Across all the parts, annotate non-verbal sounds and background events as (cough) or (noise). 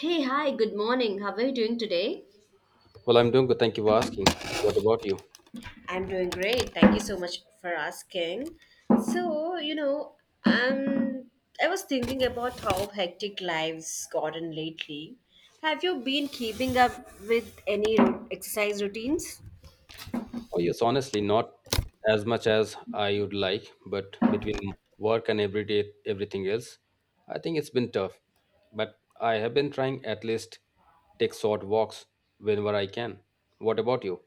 Hey, hi, good morning. How are you doing today? Well, I'm doing good. Thank you for asking. What about you? I'm doing great. Thank you so much for asking. So, um, I was thinking about how hectic lives gotten lately. Have you been keeping up with any exercise routines? Oh, yes, honestly, not as much as I would like, but between work and everyday everything else, I think it's been tough. But I have been trying at least take short walks whenever I can. What about you?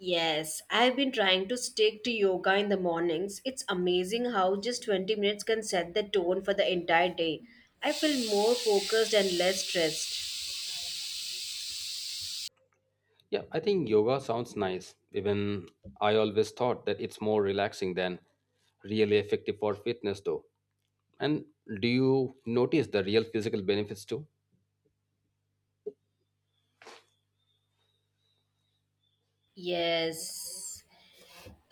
Yes, I've been trying to stick to yoga in the mornings. It's amazing how just 20 minutes can set the tone for the entire day. I feel more focused and less stressed. Yeah, I think yoga sounds nice. Even I always thought that it's more relaxing than really effective for fitness though. And do you notice the real physical benefits too? Yes.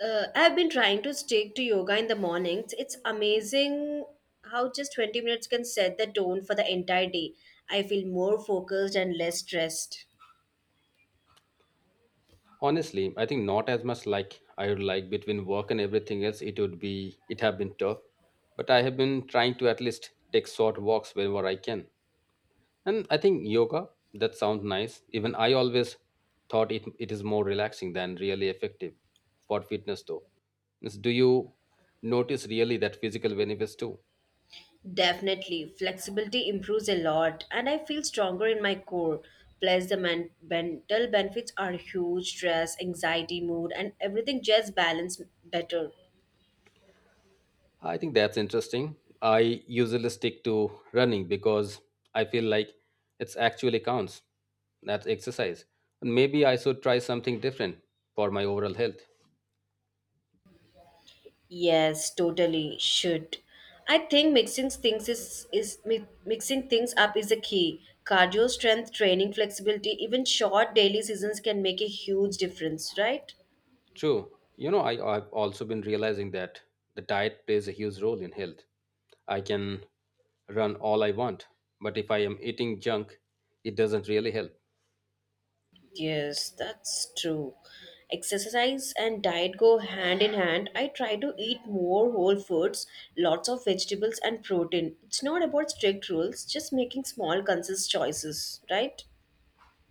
I've been trying to stick to yoga in the mornings. It's amazing how just 20 minutes can set the tone for the entire day. I feel more focused and less stressed. Honestly, I think not as much like I would like between work and everything else. It would be it have been tough, but I have been trying to at least take short walks whenever I can. And I think yoga that sounds nice. Even I always thought it is more relaxing than really effective for fitness though. Means, do you notice really that physical benefits too? Definitely, flexibility improves a lot, and I feel stronger in my core. Plus, the mental benefits are huge stress, anxiety, mood, and everything just balance better. I think that's interesting. I usually stick to running because I feel like it's actually counts. That's exercise. And maybe I should try something different for my overall health. Yes, totally should. I think mixing things up is the key. Cardio, strength training, flexibility, even short daily seasons can make a huge difference, right? True. You know, I've also been realizing that the diet plays a huge role in health. I can run all I want, but if I am eating junk, it doesn't really help. Yes, that's true. Exercise and diet go hand in hand. I try to eat more whole foods, lots of vegetables and protein. It's not about strict rules, just making small conscious choices, right?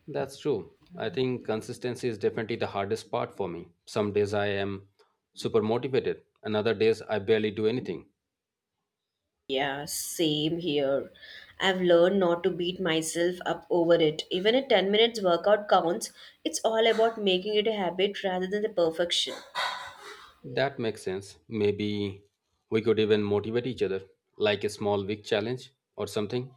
That's true. I think consistency is definitely the hardest part for me. Some days I am super motivated, and other days I barely do anything. Yeah, same here. I've learned not to beat myself up over it. Even a 10 minutes workout counts. It's all about making it a habit rather than the perfection. That makes sense. Maybe we could even motivate each other, like a small week challenge or something.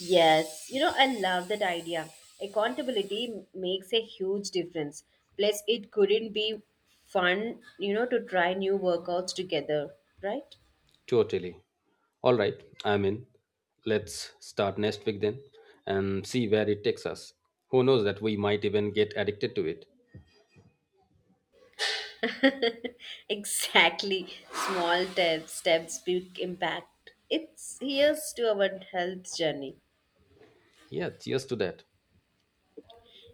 Yes, you know, I love that idea. Accountability makes a huge difference. Plus, it couldn't be fun, you know, to try new workouts together, right? Totally. All right, I'm in. Let's start next week then and see where it takes us. Who knows that we might even get addicted to it. (laughs) Exactly. Small steps, big impact. It's here's to our health journey. Yeah, cheers to that.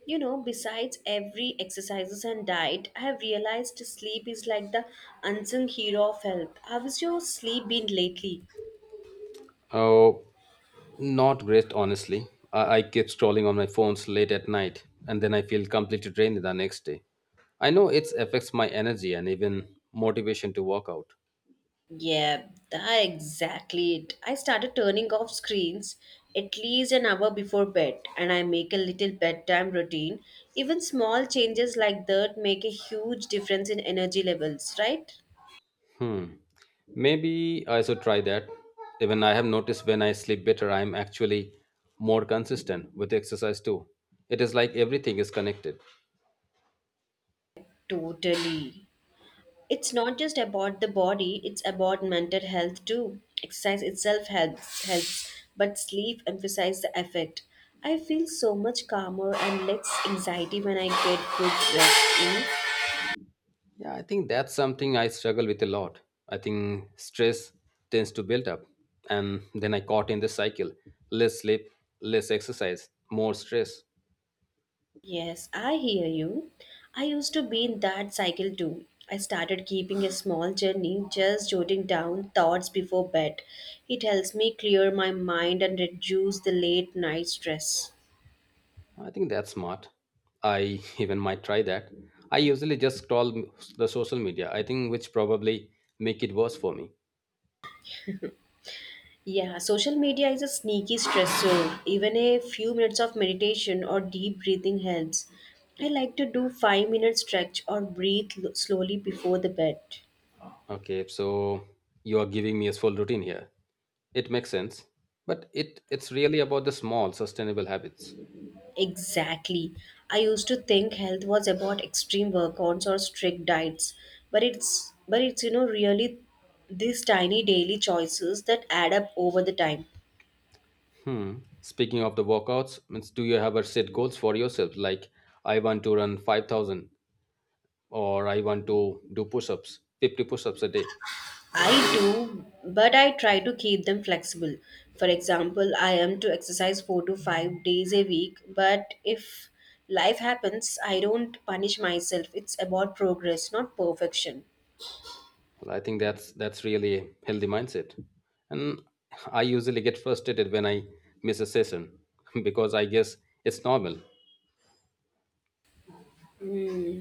You know, besides every exercises and diet, I have realized sleep is like the unsung hero of health. How is your sleep been lately? Oh, not great, honestly. I keep scrolling on my phones late at night, and then I feel completely drained the next day. I know it affects my energy and even motivation to work out. Yeah, that exactly it. I started turning off screens at least an hour before bed and I make a little bedtime routine. Even small changes like that make a huge difference in energy levels, right? Hmm. Maybe I should try that. Even I have noticed when I sleep better, I'm actually more consistent with exercise too. It is like everything is connected. Totally. It's not just about the body, it's about mental health too. Exercise itself helps but sleep emphasizes the effect. I feel so much calmer and less anxiety when I get good rest in. Yeah, I think that's something I struggle with a lot. I think stress tends to build up, and then I caught in the cycle less sleep, less exercise, more stress. Yes, I hear you. I used to be in that cycle too. I started keeping a small journey, just jotting down thoughts before bed. It helps me clear my mind and reduce the late night stress. I think that's smart. I (laughs) even might try that. I usually just the social media, I think, which probably make it worse for me. Yeah, social media is a sneaky stressor. Even a few minutes of meditation or deep breathing helps. I like to do 5-minute stretch or breathe slowly before the bed. Okay, so you are giving me a full routine here. It makes sense, but it's really about the small, sustainable habits. Exactly. I used to think health was about extreme workouts or strict diets, but it's really these tiny daily choices that add up over the time. Hmm. Speaking of the workouts, means do you ever set goals for yourself like I want to run 5000 or I want to do push-ups, 50 push-ups a day. I do, but I try to keep them flexible. For example, I am to exercise 4 to 5 days a week, but if life happens, I don't punish myself. It's about progress, not perfection. Well, I think that's really a healthy mindset. And I usually get frustrated when I miss a session (laughs) because I guess it's normal. Mm,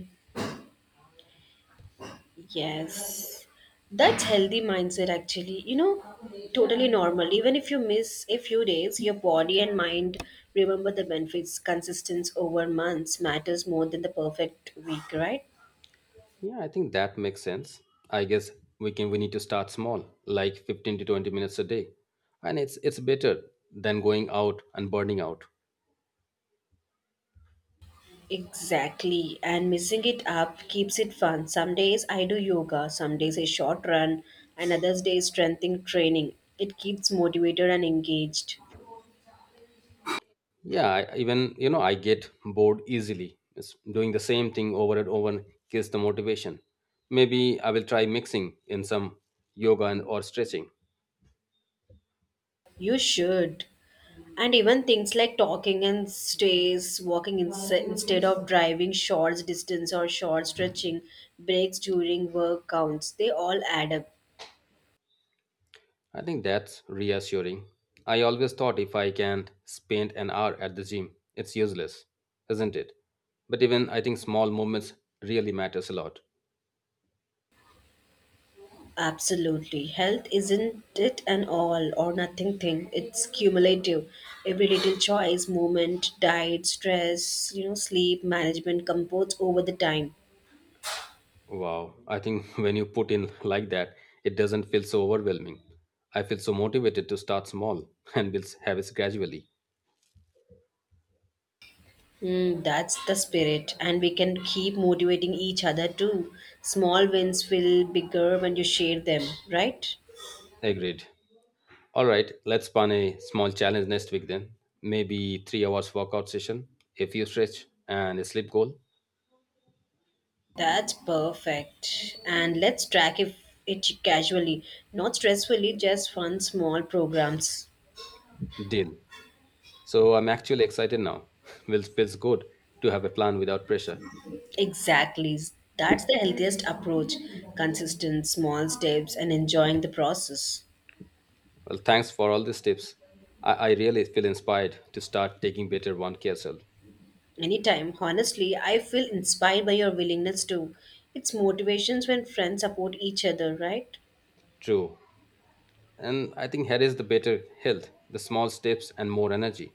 yes. That's healthy mindset actually. You know, totally normal. Even if you miss a few days, your body and mind remember the benefits. Consistency over months matters more than the perfect week, right? Yeah, I think that makes sense. I guess we need to start small, like 15 to 20 minutes a day. And it's better than going out and burning out. Exactly, and missing it up keeps it fun. Some days I do yoga, some days a short run, and others days strengthening training. It keeps motivated and engaged. Yeah, I, even you know, I get bored easily. It's doing the same thing over and over kills the motivation. Maybe I will try mixing in some yoga and or stretching. You should. And even things like talking and stays, walking instead of driving short distance or short stretching, breaks during work counts, they all add up. I think that's reassuring. I always thought if I can't spend an hour at the gym, it's useless, isn't it? But even I think small movements really matters a lot. Absolutely. Health isn't it an all or nothing thing. It's cumulative. Every little choice, movement, diet, stress, you know, sleep, management compounds over the time. Wow, I think (laughs) when you put in like that, it doesn't feel so overwhelming. I feel so motivated to start small (laughs) and will have it gradually. Hmm, that's the spirit. And we can keep motivating each other too. Small wins feel bigger when you share them, right? Agreed. All right, let's plan a small challenge next week then. Maybe 3 hours workout session, a few stretch, and a sleep goal. That's perfect. And let's track if it casually, not stressfully, just fun small programs. Deal. So I'm actually excited now. (laughs) Well, feels good to have a plan without pressure. Exactly. That's the healthiest approach. Consistent small steps and enjoying the process. Well, thanks for all these tips. I really feel inspired to start taking better one care self. Anytime, honestly, I feel inspired by your willingness to. It's motivations when friends support each other, right? True. And I think here is the better health, the small steps and more energy.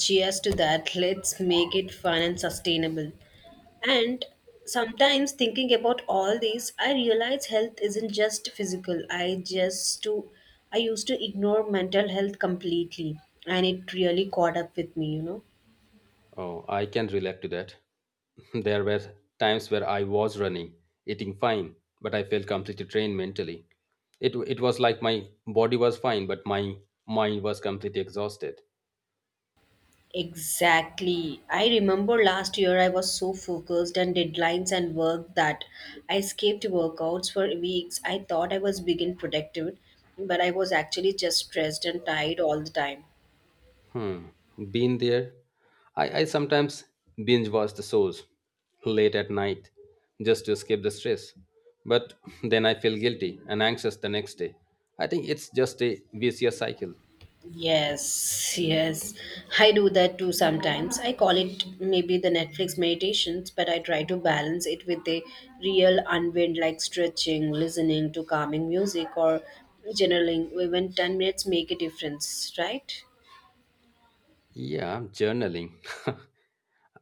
Cheers to that. Let's make it fun and sustainable. And sometimes thinking about all this, I realize health isn't just physical. I just to I used to ignore mental health completely and it really caught up with me, you know. Oh, I can relate to that. (laughs) There were times where I was running, eating fine, but I felt completely drained mentally. It was like my body was fine, but my mind was completely exhausted. Exactly. I remember last year I was so focused on deadlines and work that I skipped workouts for weeks. I thought I was big and productive, but I was actually just stressed and tired all the time. Hmm, been there. I sometimes binge watch the shows late at night just to escape the stress. But (laughs) then I feel guilty and anxious the next day. I think it's just a vicious cycle. Yes, yes. I do that too sometimes. I call it maybe the Netflix meditations, but I try to balance it with a real unwind like stretching, listening to calming music, or journaling. Even 10 minutes make a difference, right? Yeah, journaling. (laughs)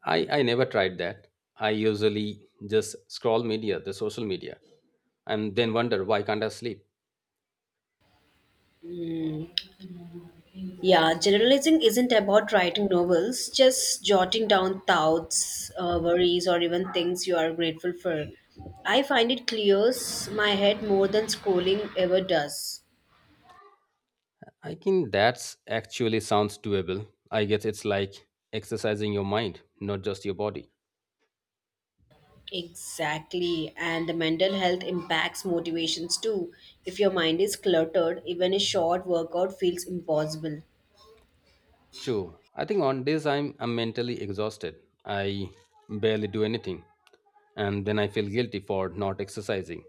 I never tried that. I usually just the social media, and then wonder why can't I sleep. Mm. Yeah, generalizing isn't about writing novels, just jotting down thoughts, worries, or even things you are grateful for. I find it clears my head more than scrolling ever does. I think that's actually sounds doable. I guess it's like exercising your mind, not just your body. Exactly, and the mental health impacts motivations too. If your mind is cluttered, even a short workout feels impossible. True. I think on days I'm mentally exhausted. I barely do anything. And then I feel guilty for not exercising.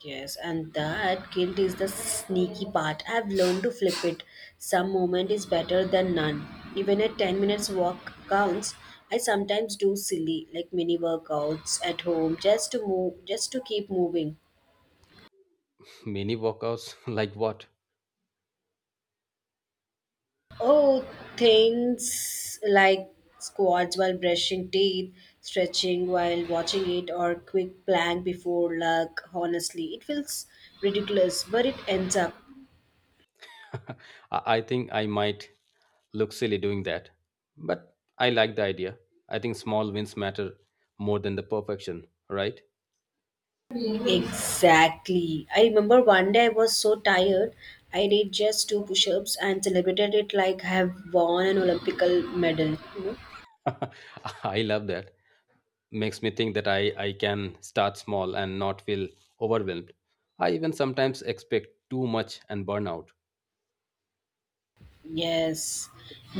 Yes, and that guilt is the sneaky part. I've learned to flip it. Some moment is better than none. Even a 10 minutes walk counts. I sometimes do silly, like mini workouts at home, just to move, just to keep moving. Mini workouts (laughs) like what? Oh, things like squats while brushing teeth, stretching while watching it, or quick plank before luck. Honestly, it feels ridiculous, but it ends up. (laughs) I think I might look silly doing that, but I like the idea. I think small wins matter more than the perfection, right? Exactly. I remember one day I was so tired, I did just two push ups and celebrated it like I have won an Olympic medal. You know? (laughs) I love that. Makes me think that I can start small and not feel overwhelmed. I even sometimes expect too much and burn out. Yes.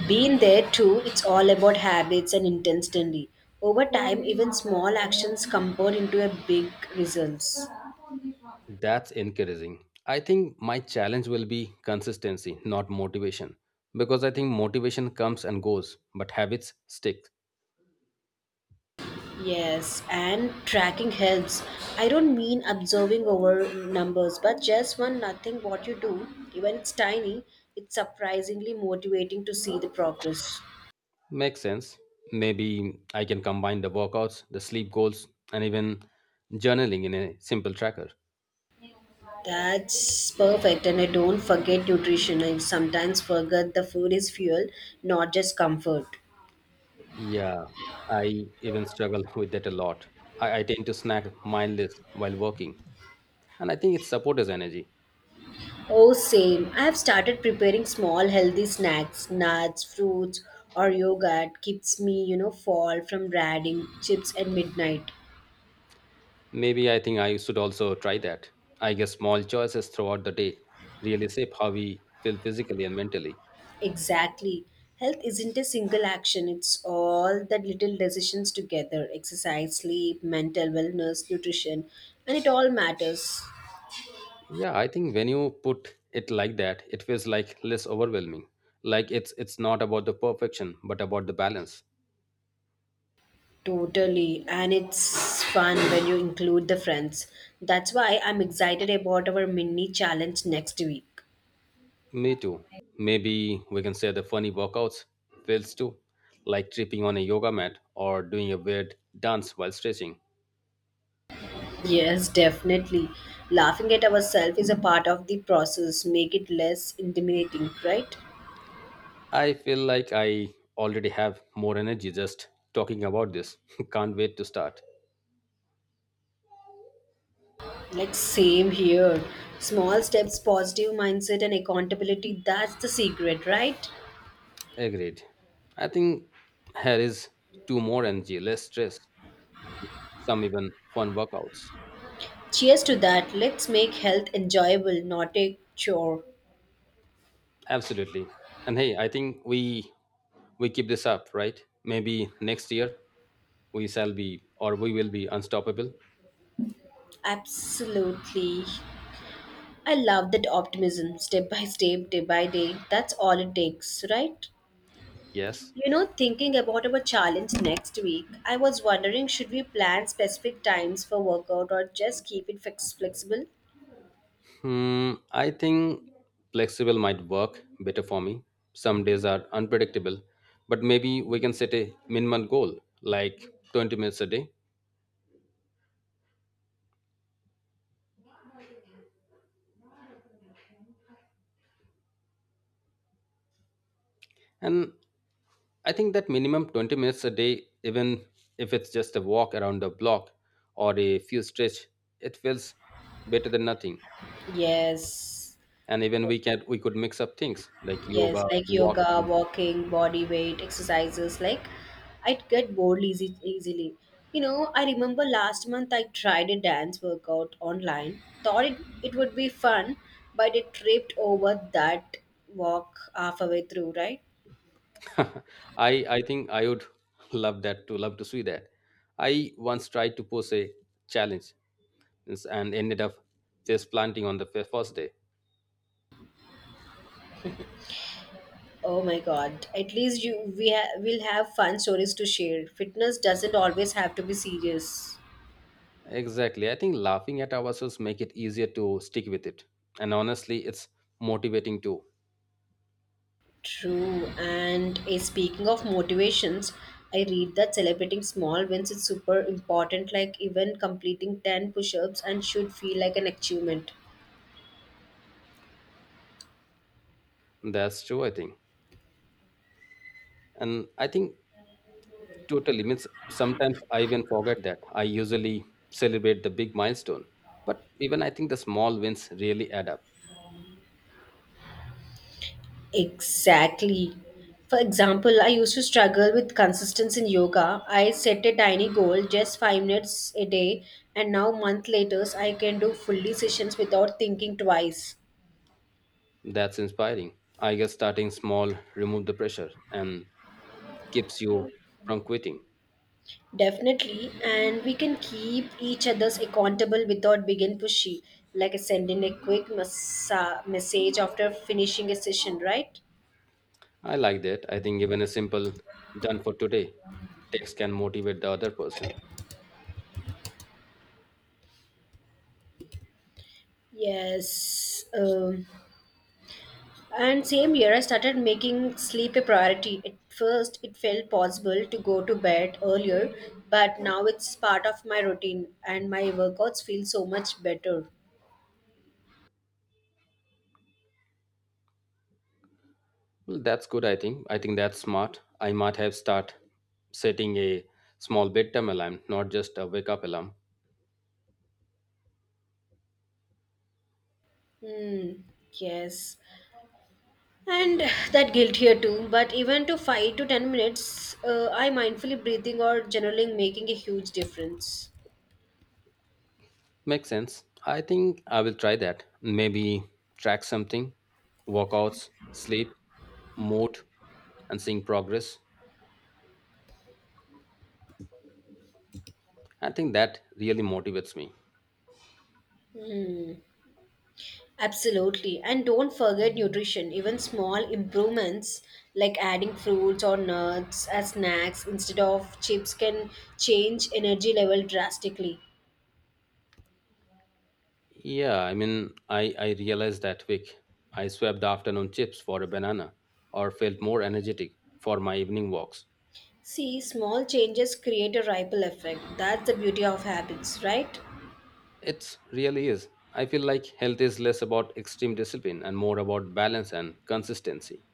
Being there too, it's all about habits and intensity. Over time, even small actions compound into a big results. That's encouraging. I think my challenge will be consistency, not motivation. Because I think motivation comes and goes, but habits stick. Yes, and tracking helps. I don't mean observing over numbers, but just one nothing what you do, even it's tiny, it's surprisingly motivating to see the progress. Makes sense. Maybe I can combine the workouts, the sleep goals, and even journaling in a simple tracker. That's perfect, and I don't forget nutrition. I sometimes forget the food is fuel, not just comfort. Yeah, I even struggle (laughs) with that a lot. I tend to snack mindless while working, and I think it supports energy. Oh, same. I have started preparing small healthy snacks, nuts, fruits, or yogurt keeps me, you know, fall from raiding chips at midnight. Maybe I think I should also try that. I guess small choices throughout the day really shape how we feel physically and mentally. Exactly. Health isn't a single action, it's all the little decisions together exercise, sleep, mental wellness, nutrition, and it all matters. Yeah, I think when you put it like that, it feels like less overwhelming. Like it's not about the perfection, but about the balance. Totally. And it's fun when you include the friends. That's why I'm excited about our mini challenge next week. Me too. Maybe we can share the funny workouts fails too, like tripping on a yoga mat or doing a weird dance while stretching. Yes, definitely. Laughing at ourselves is a part of the process, make it less intimidating, right? I feel like I already have more energy just talking about this. (laughs) Can't wait to start. Like same here. Small steps, positive mindset and accountability, that's the secret, right? Agreed. I think here is two more energy, less stress, some even fun workouts. Cheers to that. Let's make health enjoyable, not a chore. Absolutely. And hey, I think we keep this up, right? Maybe next year we will be unstoppable. Absolutely. I love that optimism, step by step, day by day. That's all it takes, right? Yes. You know, thinking about our challenge next week, I was wondering should we plan specific times for workout or just keep it flexible? Hmm, I think flexible might work better for me. Some days are unpredictable, but maybe we can set a minimum goal like 20 minutes a day. And I think that minimum 20 minutes a day, even if it's just a walk around the block or a few stretch, it feels better than nothing. Yes. And even we could mix up things like Yes, yoga, like yoga, walking, walking, body weight, exercises, like I'd get bored easily. You know, I remember last month I tried a dance workout online, thought it, it would be fun, but it tripped over that walk halfway through, right? (laughs) I I think I would (laughs) love to see that. I once tried to pose a challenge and ended up face planting on the first day. Oh my god. At least you we will have fun stories to share. Fitness doesn't always have to be serious. Exactly. I think laughing at ourselves make it easier to stick with it. And honestly, it's motivating too. True. And eh, speaking of motivations, I read that celebrating small wins is super important, like even completing 10 push ups and should feel like an achievement. That's true, I think. And I think totally means sometimes I even forget that. I usually celebrate the big milestone. But even I think the small wins really add up. Exactly. For example, I used to struggle with consistency in yoga. I set a tiny goal, just 5 minutes a day, and now month later, I can do fully sessions without thinking twice. That's inspiring. I guess starting small remove the pressure and keeps you from quitting. Definitely, and we can keep each other's accountable without being pushy, like sending a quick massa message after finishing a session, right? I like that. I think even a simple done for today text can motivate the other person. Yes. And same year, I started making sleep a priority. At first, it felt possible to go to bed earlier, but now it's part of my routine, and my workouts feel so much better. Well, that's good, I think. I think that's smart. I might have start setting a small bedtime alarm, not just a wake up alarm. Hmm. Yes. And that guilt here too, but even to 5 to 10 minutes, I mindfully breathing or journaling making a huge difference. Makes sense. I think I will try that. Maybe track something, workouts, sleep, mood, and seeing progress. I think that really motivates me. Absolutely. And don't forget nutrition. Even small improvements like adding fruits or nuts as snacks instead of chips can change energy level drastically. Yeah, I mean, I realized that quick. I swapped the afternoon chips for a banana or felt more energetic for my evening walks. See, small changes create a ripple effect. That's the beauty of habits, right? It really is. I feel like health is less about extreme discipline and more about balance and consistency.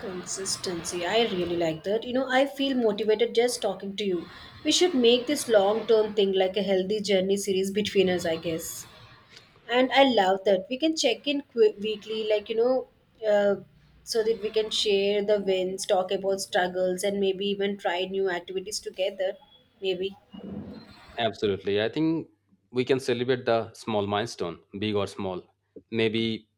Consistency. I really like that. You know, I feel motivated just talking to you. We should make this long term thing like a healthy journey series between us, I guess. And I love that. We can check in weekly, like, uh, so that we can share the wins, talk about struggles, and maybe even try new activities together. Maybe. Absolutely. I think we can celebrate the small milestone, big or small. Maybe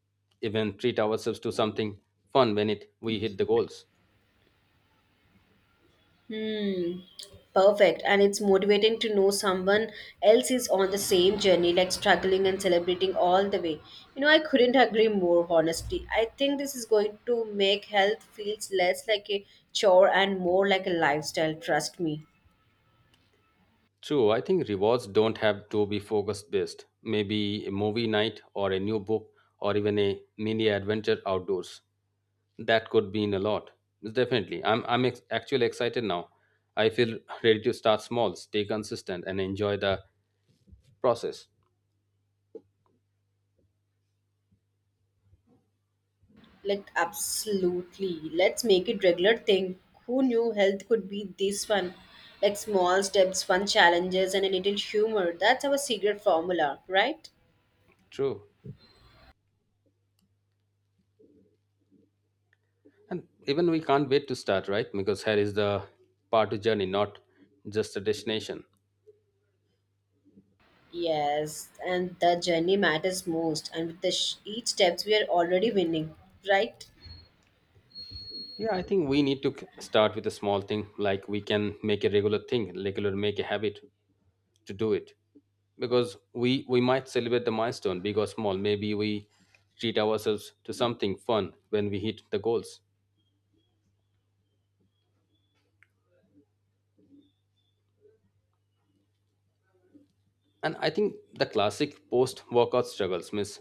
even treat ourselves to something fun when it we hit the goals. Hmm. Perfect. And it's motivating to know someone else is on the same journey, like struggling and celebrating all the way. You know, I couldn't agree more, honestly. I think this is going to make health feels less like a chore and more like a lifestyle, trust me. True, I think rewards don't have to be focused based. Maybe a movie night or a new book or even a mini adventure outdoors. That could mean a lot. Definitely. Actually excited now. I feel ready to start small, stay consistent and enjoy the process. Like absolutely. Let's make it regular thing. Who knew health could be this fun? Like small steps, fun challenges and a little humor. That's our secret formula, right? True. And even we can't wait to start, right? Because here is the part of journey, not just a destination. Yes, and the journey matters most. And with the each steps, we are already winning, right? Yeah, I think we need to start with a small thing, like we can make a regular thing, regular, make a habit to do it, because we might celebrate the milestone, big or small. Maybe we treat ourselves to something fun when we hit the goals. And I think the classic post workout struggles means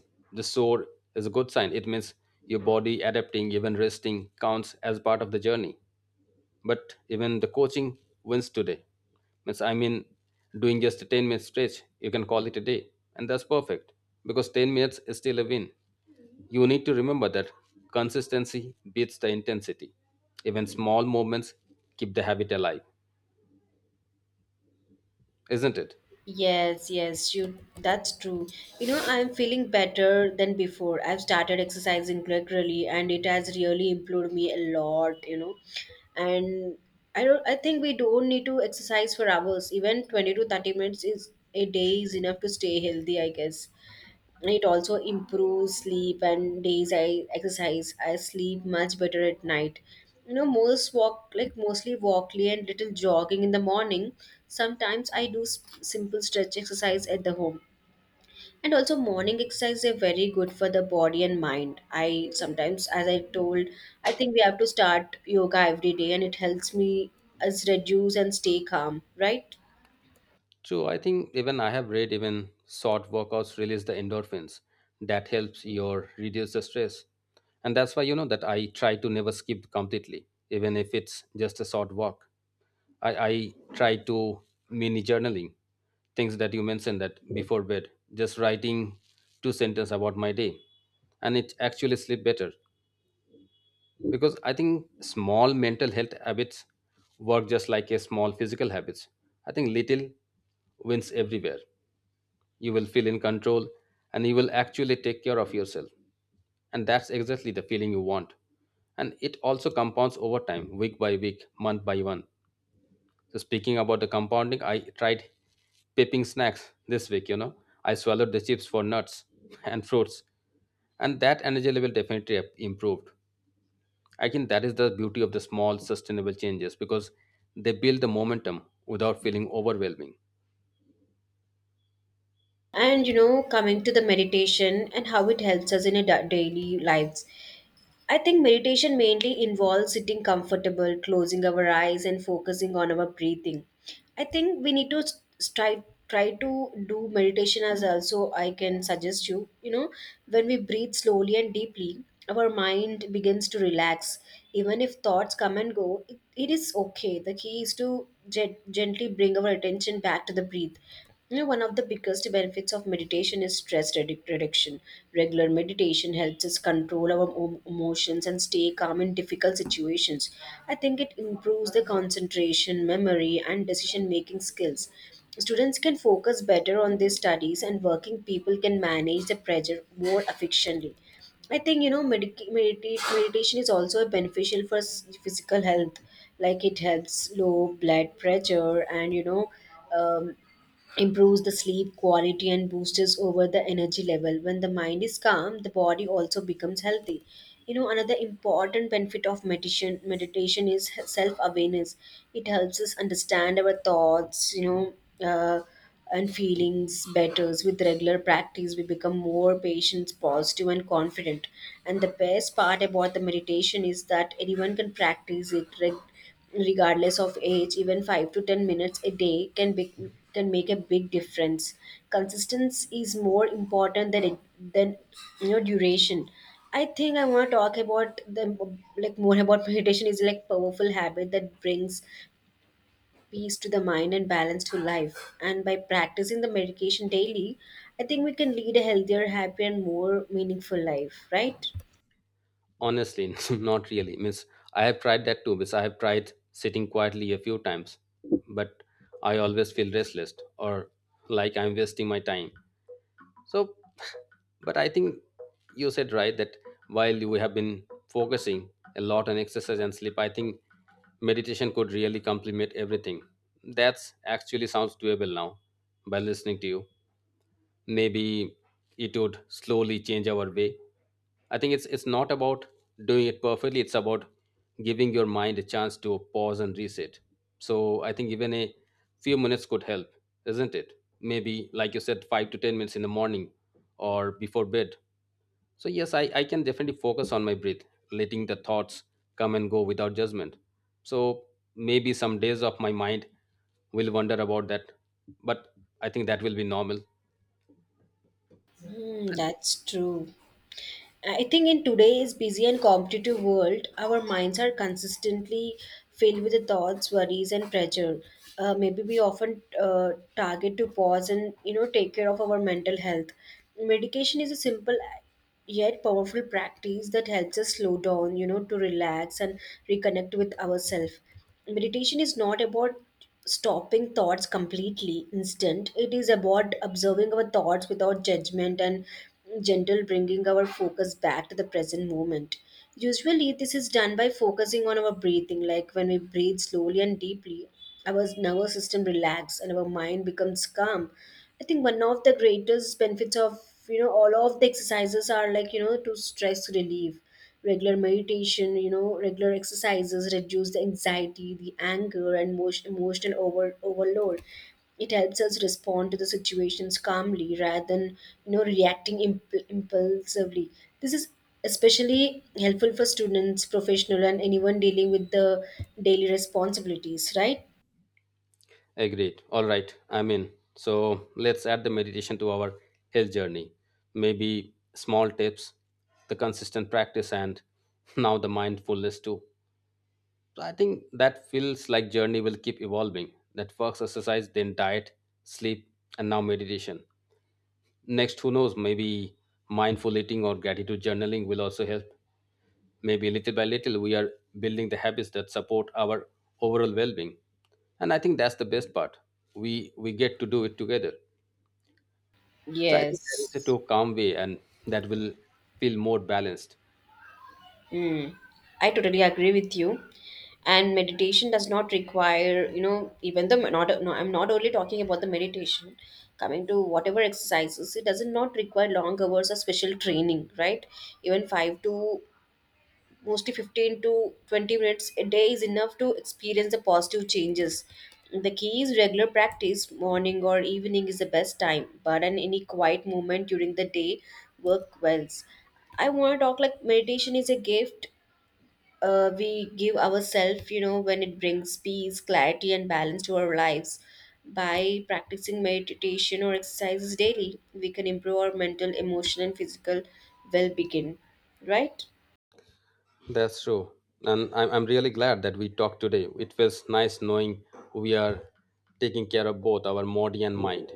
the sore is a good sign. It means your body adapting. Even resting counts as part of the journey. But even the coaching wins today means, doing just a 10-minute stretch, you can call it a day and that's perfect, because 10 minutes is still a win. You need to remember that consistency beats the intensity. Even small movements keep the habit alive, isn't it? Yes, yes, you. That's true. You know, I'm feeling better than before. I've started exercising regularly, and it has really improved me a lot. You know, and I think we don't need to exercise for hours. Even 20 to 30 minutes is a day is enough to stay healthy, I guess. It also improves sleep, and days I exercise I sleep much better at night. You know, mostly walking and little jogging in the morning. Sometimes I do simple stretch exercise at the home. And also morning exercise are very good for the body and mind. I sometimes, as I told, I think we have to start yoga every day, and it helps me as reduce and stay calm, right? True, I think even I have read even short workouts release the endorphins that helps your reduce the stress. And that's why that I try to never skip completely, even if it's just a short walk. I try to mini journaling, things that you mentioned, that before bed, just writing two sentences about my day. And it actually sleep better, because I think small mental health habits work just like a small physical habits. I think little wins everywhere, you will feel in control and you will actually take care of yourself, and that's exactly the feeling you want. And it also compounds over time, week by week, month by month. So speaking about the compounding, I tried pipping snacks this week, I swallowed the chips for nuts (laughs) and fruits, and that energy level definitely improved. I think that is the beauty of the small sustainable changes, because they build the momentum without feeling overwhelming. And you know, coming to the meditation and how it helps us in a daily lives, I think meditation mainly involves sitting comfortable, closing our eyes, and focusing on our breathing. I think we need to try try to do meditation as also I can suggest you. You know, when we breathe slowly and deeply, our mind begins to relax. Even if thoughts come and go, it is okay. The key is to gently bring our attention back to the breath. You know, one of the biggest benefits of meditation is stress reduction. Regular meditation helps us control our emotions and stay calm in difficult situations. I think it improves the concentration, memory, and decision making skills. Students can focus better on their studies, and working people can manage the pressure more efficiently. I think, you know, meditation is also beneficial for physical health, like it helps low blood pressure and, you know, um, improves the sleep quality and boosts over the energy level. When the mind is calm, the body also becomes healthy. You know, another important benefit of meditation is self awareness. It helps us understand our thoughts, you know, uh, and feelings better. With regular practice we become more patient, positive and confident. And the best part about the meditation is that anyone can practice it, regardless of age. Even 5 to 10 minutes a day can make a big difference. Consistency is more important than than you know, duration. I think I want to talk about the, like, more about meditation is like powerful habit that brings peace to the mind and balance to life, and by practicing the meditation daily, I think we can lead a healthier, happier and more meaningful life, right? Honestly, (laughs) not really. Means I have tried that too. Means I have tried sitting quietly a few times, but I always feel restless or like I'm wasting my time. So, but I think you said right that while we have been focusing a lot on exercise and sleep, I think meditation could really complement everything. That's actually sounds doable now by listening to you. Maybe it would slowly change our way. I think it's not about doing it perfectly, it's about giving your mind a chance to pause and reset. So I think even a few minutes could help, isn't it? Maybe like you said, 5 to 10 minutes in the morning or before bed. So yes, I can definitely focus on my breath, letting the thoughts come and go without judgment. So maybe some days of my mind will wonder about that, but I think that will be normal. Hmm, that's true. I think in today's busy and competitive world, our minds are consistently filled with the thoughts, worries, and pressure. Maybe we often target to pause and, you know, take care of our mental health. Medication is a simple yet powerful practice that helps us slow down, you know, to relax and reconnect with ourselves. Meditation is not about stopping thoughts completely instant, it is about observing our thoughts without judgment and gentle bringing our focus back to the present moment. Usually, this is done by focusing on our breathing, like when we breathe slowly and deeply, our nervous system relaxes and our mind becomes calm. I think one of the greatest benefits of, you know, all of the exercises are, like, you know, to stress relief. Regular meditation, you know, regular exercises reduce the anxiety, the anger and emotional overload. It helps us respond to the situations calmly rather than, you know, reacting impulsively. This is especially helpful for students, professional and anyone dealing with the daily responsibilities, right? Agreed. All right. I'm in. So let's add the meditation to our health journey. Maybe small tips, the consistent practice, and (laughs) now the mindfulness too. So I think that feels like journey will keep evolving. That first exercise, then diet, sleep, and now meditation. Next, who knows? Maybe mindful eating or gratitude journaling will also help. Maybe little by little, we are building the habits that support our overall well-being, and I think that's the best part. We get to do it together. So I think there is a Yes. to calm way, and that will feel more balanced. Mm, I totally agree with you. And meditation does not require, you know, even the not. No, I'm not only talking about the meditation. Coming to whatever exercises, it doesn't not require long hours or special training, right? Even five to mostly 15 to 20 minutes a day is enough to experience the positive changes. The key is regular practice. Morning or evening is the best time, but an any quiet moment during the day work wells. I want to talk, like, meditation is a gift we give ourselves, you know, when it brings peace, clarity, and balance to our lives. By practicing meditation or exercises daily, we can improve our mental, emotional, and physical well being, right? That's true. And I'm really glad that we talked today. It feels nice knowing we are taking care of both our body and mind.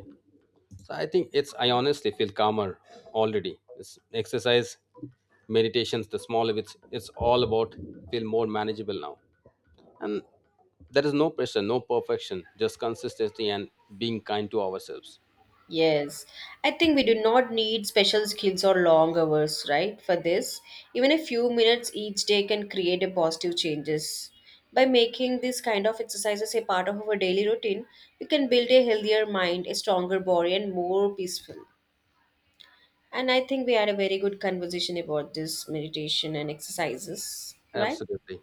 So I think it's, I honestly feel calmer already. It's exercise, meditations, the small of it's all about feel more manageable now. And there is no pressure, no perfection, just consistency and being kind to ourselves. Yes, I think we do not need special skills or long hours, right? For this, even a few minutes each day can create a positive changes. By making these kind of exercises a part of our daily routine, we can build a healthier mind, a stronger body, and more peaceful. And I think we had a very good conversation about this meditation and exercises, right? Absolutely.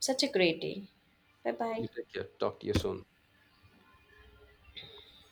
Such a great day. Bye bye. You take care. Talk to you soon.